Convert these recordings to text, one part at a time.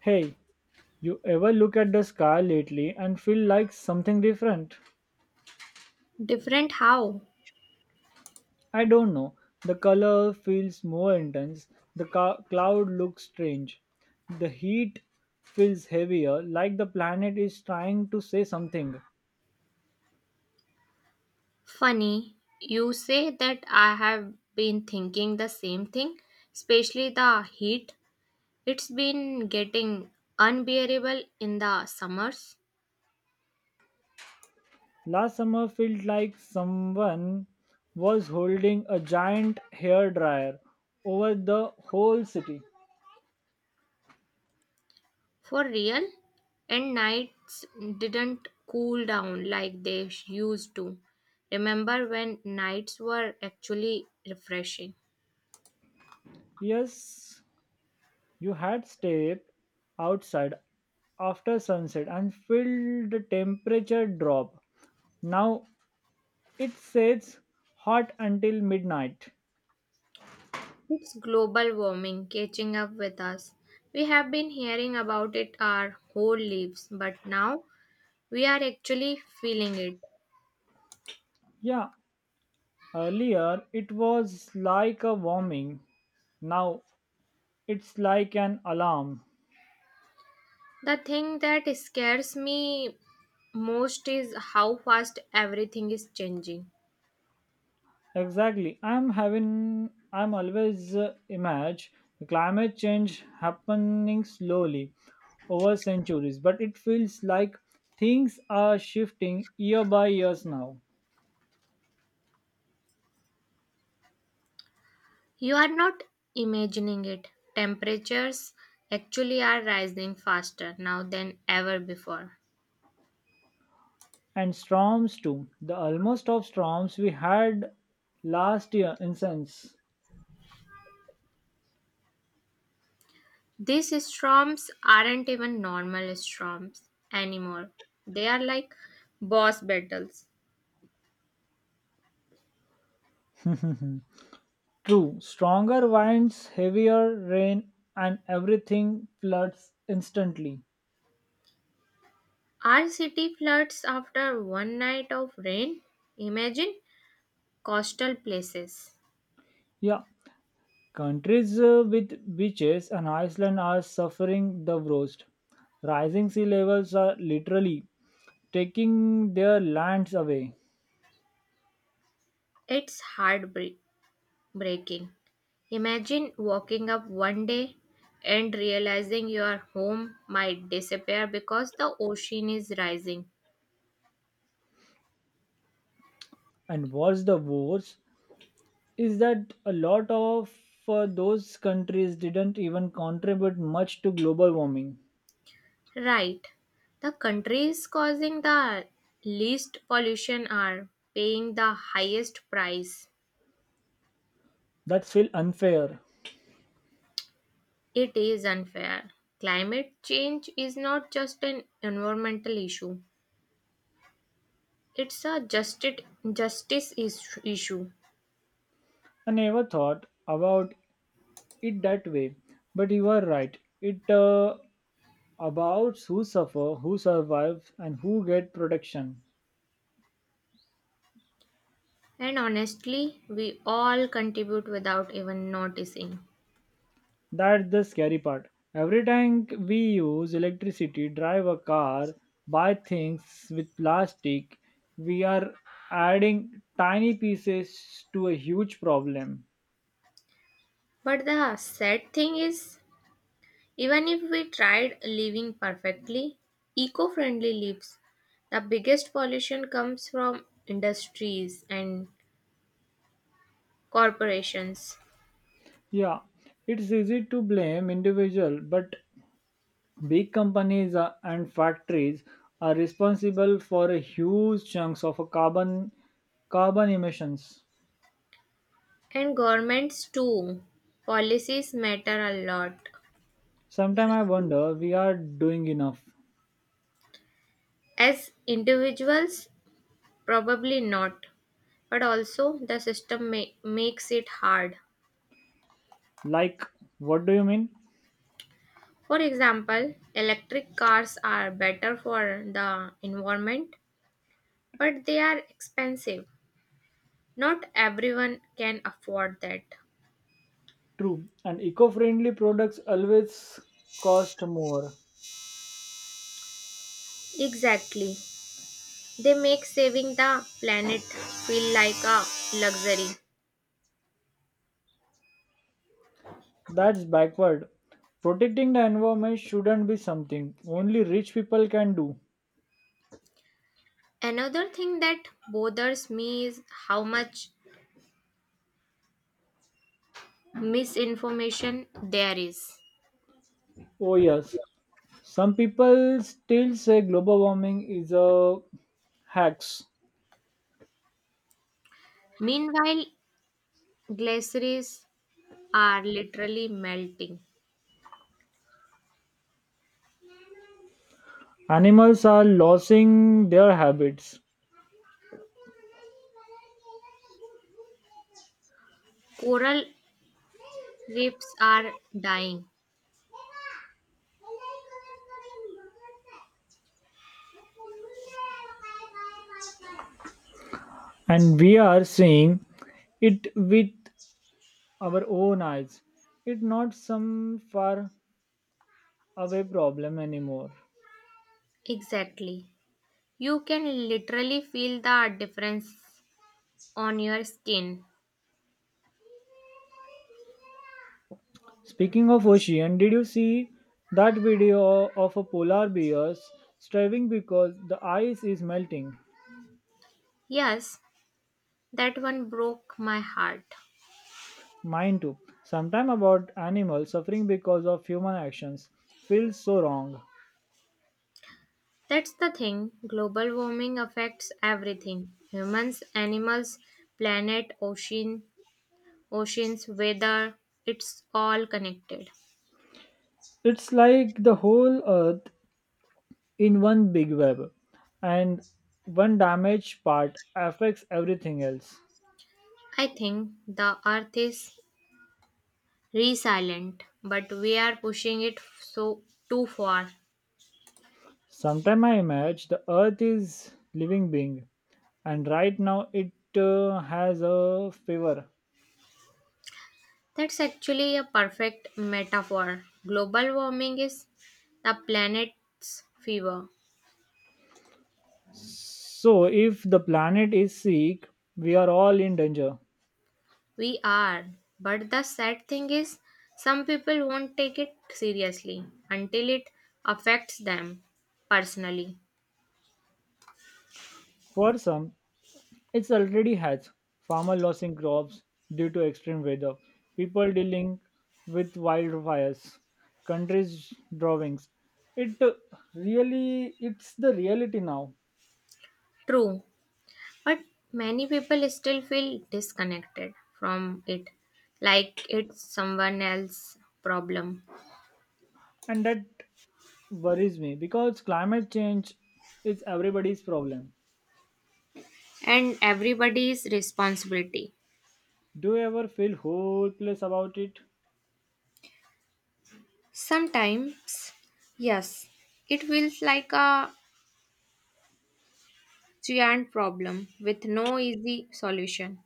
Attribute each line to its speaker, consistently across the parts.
Speaker 1: Hey, you ever look at the sky lately and feel like something different?
Speaker 2: Different how?
Speaker 1: I don't know. The color feels more intense, the cloud looks strange, the heat feels heavier, like the planet is trying to say something.
Speaker 2: Funny, you say that I have been thinking the same thing, especially the heat. It's been getting unbearable in the summers.
Speaker 1: Last summer felt like someone was holding a giant hair dryer over the whole city.
Speaker 2: For real? And nights didn't cool down like they used to. Remember when nights were actually refreshing?
Speaker 1: Yes, you had stepped outside after sunset and felt the temperature drop. Now it stays hot until midnight.
Speaker 2: It's global warming catching up with us. We have been hearing about it our whole lives, but now we are actually feeling it.
Speaker 1: Yeah, earlier it was like a warming. Now it's like an alarm.
Speaker 2: The thing that scares me most is how fast everything is changing.
Speaker 1: Exactly. I'm always imagine the climate change happening slowly over centuries, but it feels like things are shifting year by years now.
Speaker 2: You are not imagining it. Temperatures actually are rising faster now than ever before.
Speaker 1: And storms too. The almost of storms we had last year in sense.
Speaker 2: These storms aren't even normal storms anymore. They are like boss battles.
Speaker 1: True, stronger winds, heavier rain, and everything floods instantly.
Speaker 2: Our city floods after one night of rain. Imagine coastal places.
Speaker 1: Yeah, countries with beaches and Iceland are suffering the worst. Rising sea levels are literally taking their lands away.
Speaker 2: It's heartbreak breaking. Imagine waking up one day and realizing your home might disappear because the ocean is rising.
Speaker 1: And what's the worst is that a lot of those countries didn't even contribute much to global warming.
Speaker 2: Right. The countries causing the least pollution are paying the highest price.
Speaker 1: That feels unfair.
Speaker 2: It is unfair. Climate change is not just an environmental issue, it's a justice issue.
Speaker 1: I never thought about it that way, but you are right. It about who suffer, who survives, and who get protection.
Speaker 2: And honestly, we all contribute without even noticing.
Speaker 1: That's the scary part. Every time we use electricity, drive a car, buy things with plastic, we are adding tiny pieces to a huge problem.
Speaker 2: But the sad thing is, even if we tried living perfectly, eco friendly lives, the biggest pollution comes from industries and corporations,
Speaker 1: Yeah, it's easy to blame individual, but big companies and factories are responsible for a huge chunks of a carbon emissions.
Speaker 2: and governments too. Policies matter a lot.
Speaker 1: Sometimes I wonder we are doing enough.
Speaker 2: As individuals, probably not, but also the system makes it hard.
Speaker 1: Like, what do you mean?
Speaker 2: For example, electric cars are better for the environment, but they are expensive. Not everyone can afford that.
Speaker 1: True, and eco-friendly products always cost more.
Speaker 2: Exactly. They make saving the planet feel like a luxury.
Speaker 1: That's backward. Protecting the environment shouldn't be something only rich people can do.
Speaker 2: Another thing that bothers me is how much misinformation there is.
Speaker 1: Oh yes, some people still say global warming is a hoax.
Speaker 2: Meanwhile, glaciers are literally melting.
Speaker 1: Animals are losing their habits,
Speaker 2: Coral reefs are dying.
Speaker 1: and we are seeing it with our own eyes. It's not some far away problem anymore.
Speaker 2: Exactly. You can literally feel the difference on your skin.
Speaker 1: Speaking of ocean, did you see that video of a polar bear starving because the ice is melting?
Speaker 2: Yes, that one broke my heart.
Speaker 1: Mine too. Sometime about animals suffering because of human actions feels so wrong.
Speaker 2: That's the thing, global warming affects everything. Humans, animals, planet, ocean, oceans, weather, it's all connected.
Speaker 1: It's like the whole earth in one big web, and one damaged part affects everything else.
Speaker 2: I think the earth is resilient, but we are pushing it so too far.
Speaker 1: Sometimes I imagine the earth is living being, and right now it has a fever.
Speaker 2: That's actually a perfect metaphor. Global warming is the planet's fever.
Speaker 1: So if the planet is sick, we are all in danger.
Speaker 2: We are. But the sad thing is, some people won't take it seriously until it affects them personally.
Speaker 1: For some, it already has farmer losing crops due to extreme weather, people dealing with wildfires, countries drawings. It really it's the reality now,
Speaker 2: True. But many people still feel disconnected from it, like it's someone else's problem
Speaker 1: and that worries me because climate change is everybody's problem.
Speaker 2: and everybody's responsibility.
Speaker 1: Do you ever feel hopeless about it?
Speaker 2: Sometimes, yes, it feels like a giant problem with no easy solution.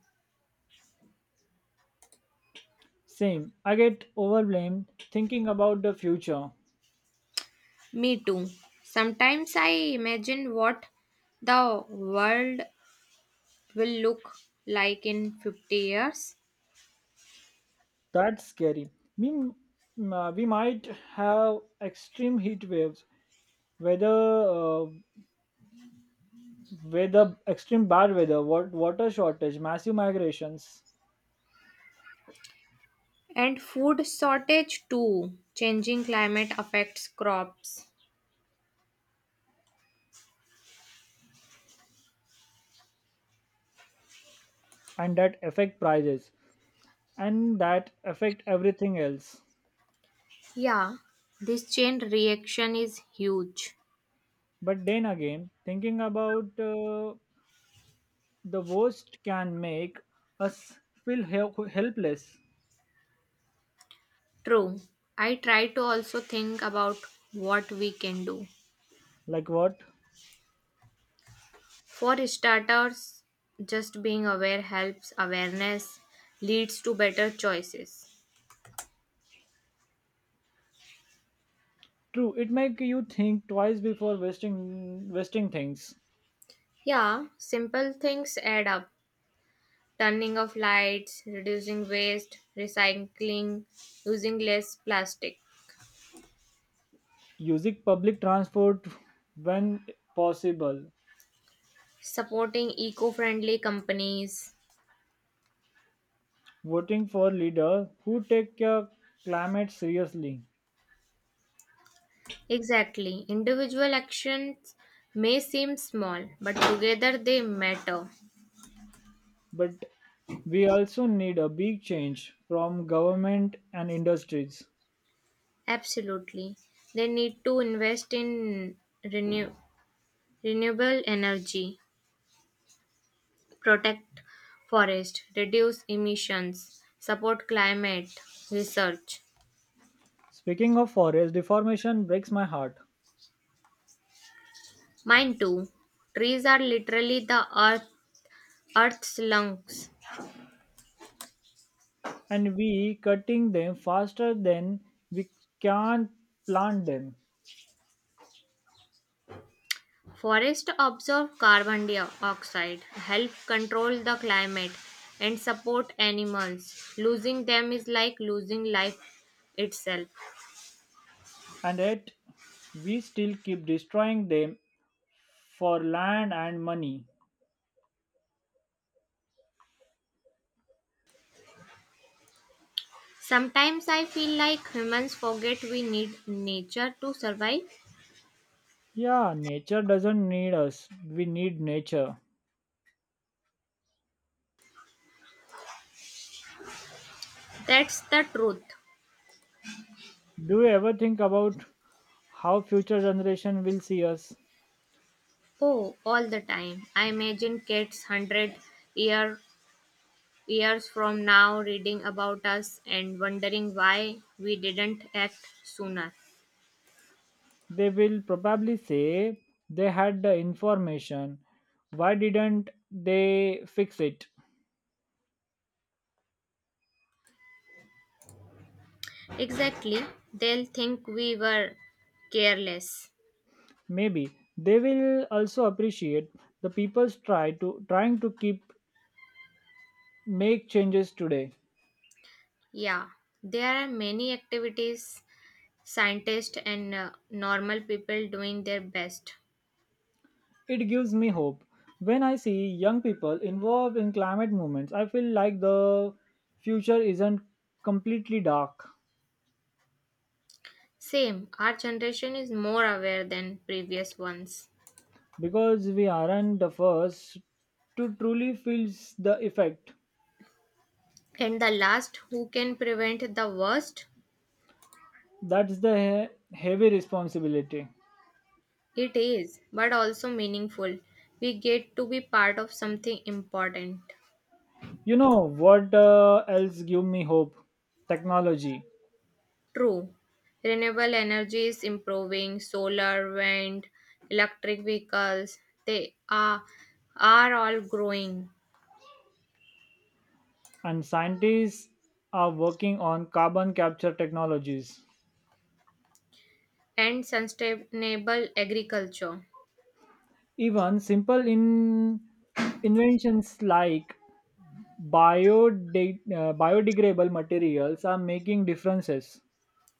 Speaker 1: Same. I get overwhelmed thinking about the future.
Speaker 2: Me too. Sometimes I imagine what the world will look like in 50 years.
Speaker 1: That's scary. We, we might have extreme heat waves. Weather, uh, Weather, extreme bad weather, water shortage, massive migrations,
Speaker 2: And food shortage too. Changing climate affects crops.
Speaker 1: and that affect prices, and that affect everything else.
Speaker 2: Yeah, this chain reaction is huge.
Speaker 1: But then again, thinking about the worst can make us feel helpless.
Speaker 2: True. I try to also think about what we can do.
Speaker 1: Like what?
Speaker 2: For starters, just being aware helps. Awareness leads to better choices.
Speaker 1: True, it make you think twice before wasting things.
Speaker 2: Yeah, simple things add up: turning off lights, reducing waste, recycling, using less plastic,
Speaker 1: Using public transport when possible,
Speaker 2: supporting eco friendly companies.
Speaker 1: voting for leaders who take climate seriously.
Speaker 2: Exactly. Individual actions may seem small, but together they matter.
Speaker 1: But we also need a big change from government and industries.
Speaker 2: Absolutely. They need to invest in renew- renewable energy, protect forest, reduce emissions, support climate research.
Speaker 1: Speaking of forest, deformation breaks my heart.
Speaker 2: Mine too. Trees are literally the Earth's lungs.
Speaker 1: And we cutting them faster than we can plant them.
Speaker 2: Forests absorb carbon dioxide, help control the climate, and support animals. Losing them is like losing life itself.
Speaker 1: And yet we still keep destroying them for land and money.
Speaker 2: Sometimes I feel like humans forget we need nature to survive.
Speaker 1: Yeah, nature doesn't need us. We need nature.
Speaker 2: That's the truth.
Speaker 1: Do you ever think about how future generation will see us?
Speaker 2: Oh, all the time. I imagine cats hundred year, years from now reading about us and wondering why we didn't act sooner.
Speaker 1: They will probably say they had the information. Why didn't they fix it?
Speaker 2: Exactly. They'll think we were careless.
Speaker 1: Maybe they will also appreciate the people's try to trying to keep make changes today.
Speaker 2: Yeah. There are many activities, scientists and normal people doing their best.
Speaker 1: It gives me hope. When I see young people involved in climate movements, I feel like the future isn't completely dark,
Speaker 2: Same. Our generation is more aware than previous ones.
Speaker 1: because we aren't the first to truly feel the effect.
Speaker 2: And the last, who can prevent the worst?
Speaker 1: That's the heavy responsibility.
Speaker 2: It is, but also meaningful. We get to be part of something important.
Speaker 1: You know what else give me hope? Technology.
Speaker 2: True. Renewable energy is improving. Solar, wind, electric vehicles, they are, are all growing.
Speaker 1: And scientists are working on carbon capture technologies.
Speaker 2: And sustainable agriculture.
Speaker 1: Even simple inventions like biodegradable materials are making differences.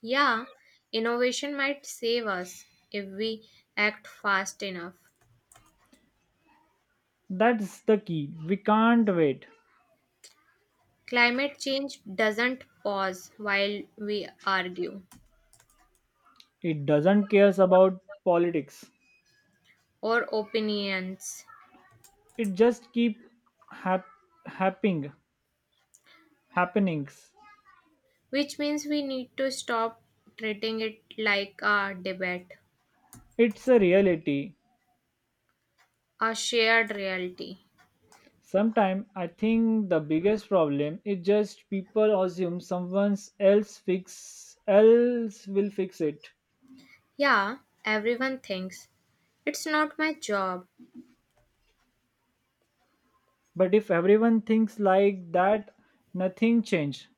Speaker 2: Yeah, innovation might save us if we act fast enough.
Speaker 1: That's the key. We can't wait.
Speaker 2: Climate change doesn't pause while we argue
Speaker 1: It doesn't cares about politics.
Speaker 2: or opinions,
Speaker 1: It just keep hap- happening, happenings.
Speaker 2: which means we need to stop treating it like a debate,
Speaker 1: It's a reality.
Speaker 2: a shared reality.
Speaker 1: Sometimes I think the biggest problem is just people assume someone else will fix it.
Speaker 2: Yeah, everyone thinks it's not my job.
Speaker 1: But if everyone thinks like that, nothing change.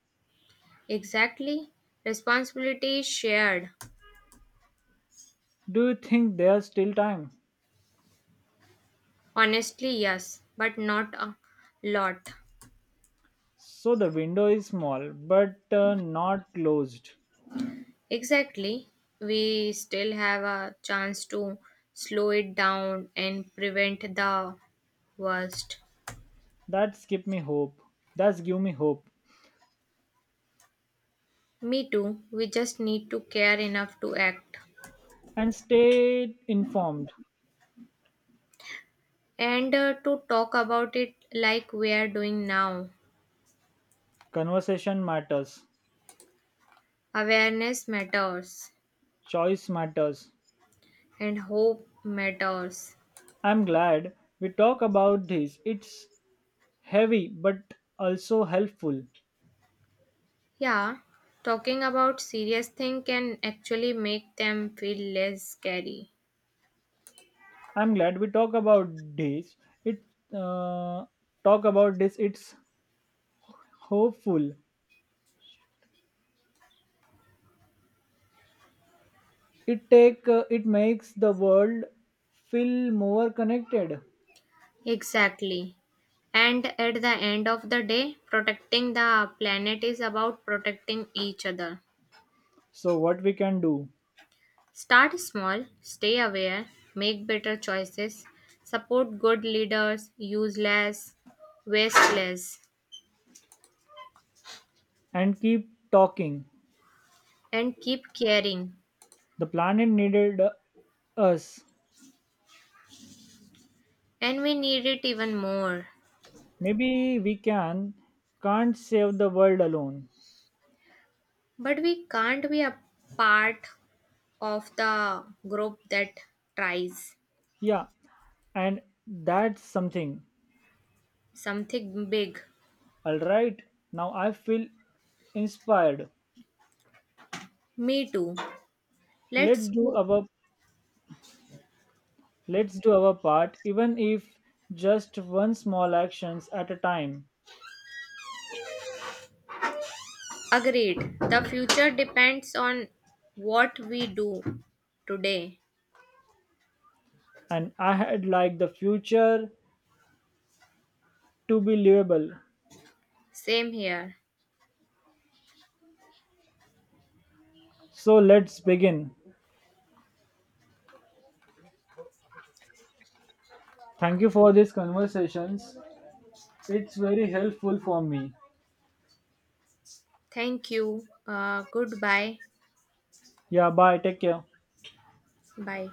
Speaker 2: Exactly. Responsibility is shared.
Speaker 1: Do you think there's still time?
Speaker 2: Honestly, yes, but not a lot.
Speaker 1: So the window is small, but not closed.
Speaker 2: Exactly. We still have a chance to slow it down and prevent the worst.
Speaker 1: That's give me hope. That's give me hope.
Speaker 2: Me too. We just need to care enough to act,
Speaker 1: And stay informed.
Speaker 2: and to talk about it like we are doing now.
Speaker 1: Conversation matters,
Speaker 2: Awareness matters
Speaker 1: choice matters.
Speaker 2: and hope matters.
Speaker 1: I'm glad we talk about this. It's heavy but also helpful.
Speaker 2: Yeah, talking about serious thing can actually make them feel less scary.
Speaker 1: I'm glad we talk about this. It uh, It's hopeful. It take it makes the world feel more connected.
Speaker 2: Exactly. And at the end of the day, protecting the planet is about protecting each other.
Speaker 1: So what we can do?
Speaker 2: Start small, stay aware, make better choices, support good leaders, use less, waste less,
Speaker 1: And keep talking.
Speaker 2: and keep caring.
Speaker 1: The planet needed us.
Speaker 2: And we need it even more.
Speaker 1: Maybe we can't save the world alone.
Speaker 2: But we can't be apart of the group that tries
Speaker 1: Yeah, and that's something.
Speaker 2: something big.
Speaker 1: All right, now I feel inspired.
Speaker 2: Me too.
Speaker 1: Let's
Speaker 2: Let's
Speaker 1: do
Speaker 2: do
Speaker 1: our let's do our part, even if just one small actions at a time.
Speaker 2: agreed. The future depends on what we do today.
Speaker 1: And I had like the future to be livable.
Speaker 2: Same here.
Speaker 1: So let's begin. Thank you for these conversations. It's very helpful for me.
Speaker 2: Thank you. Goodbye.
Speaker 1: Yeah, bye. Take care.
Speaker 2: Bye.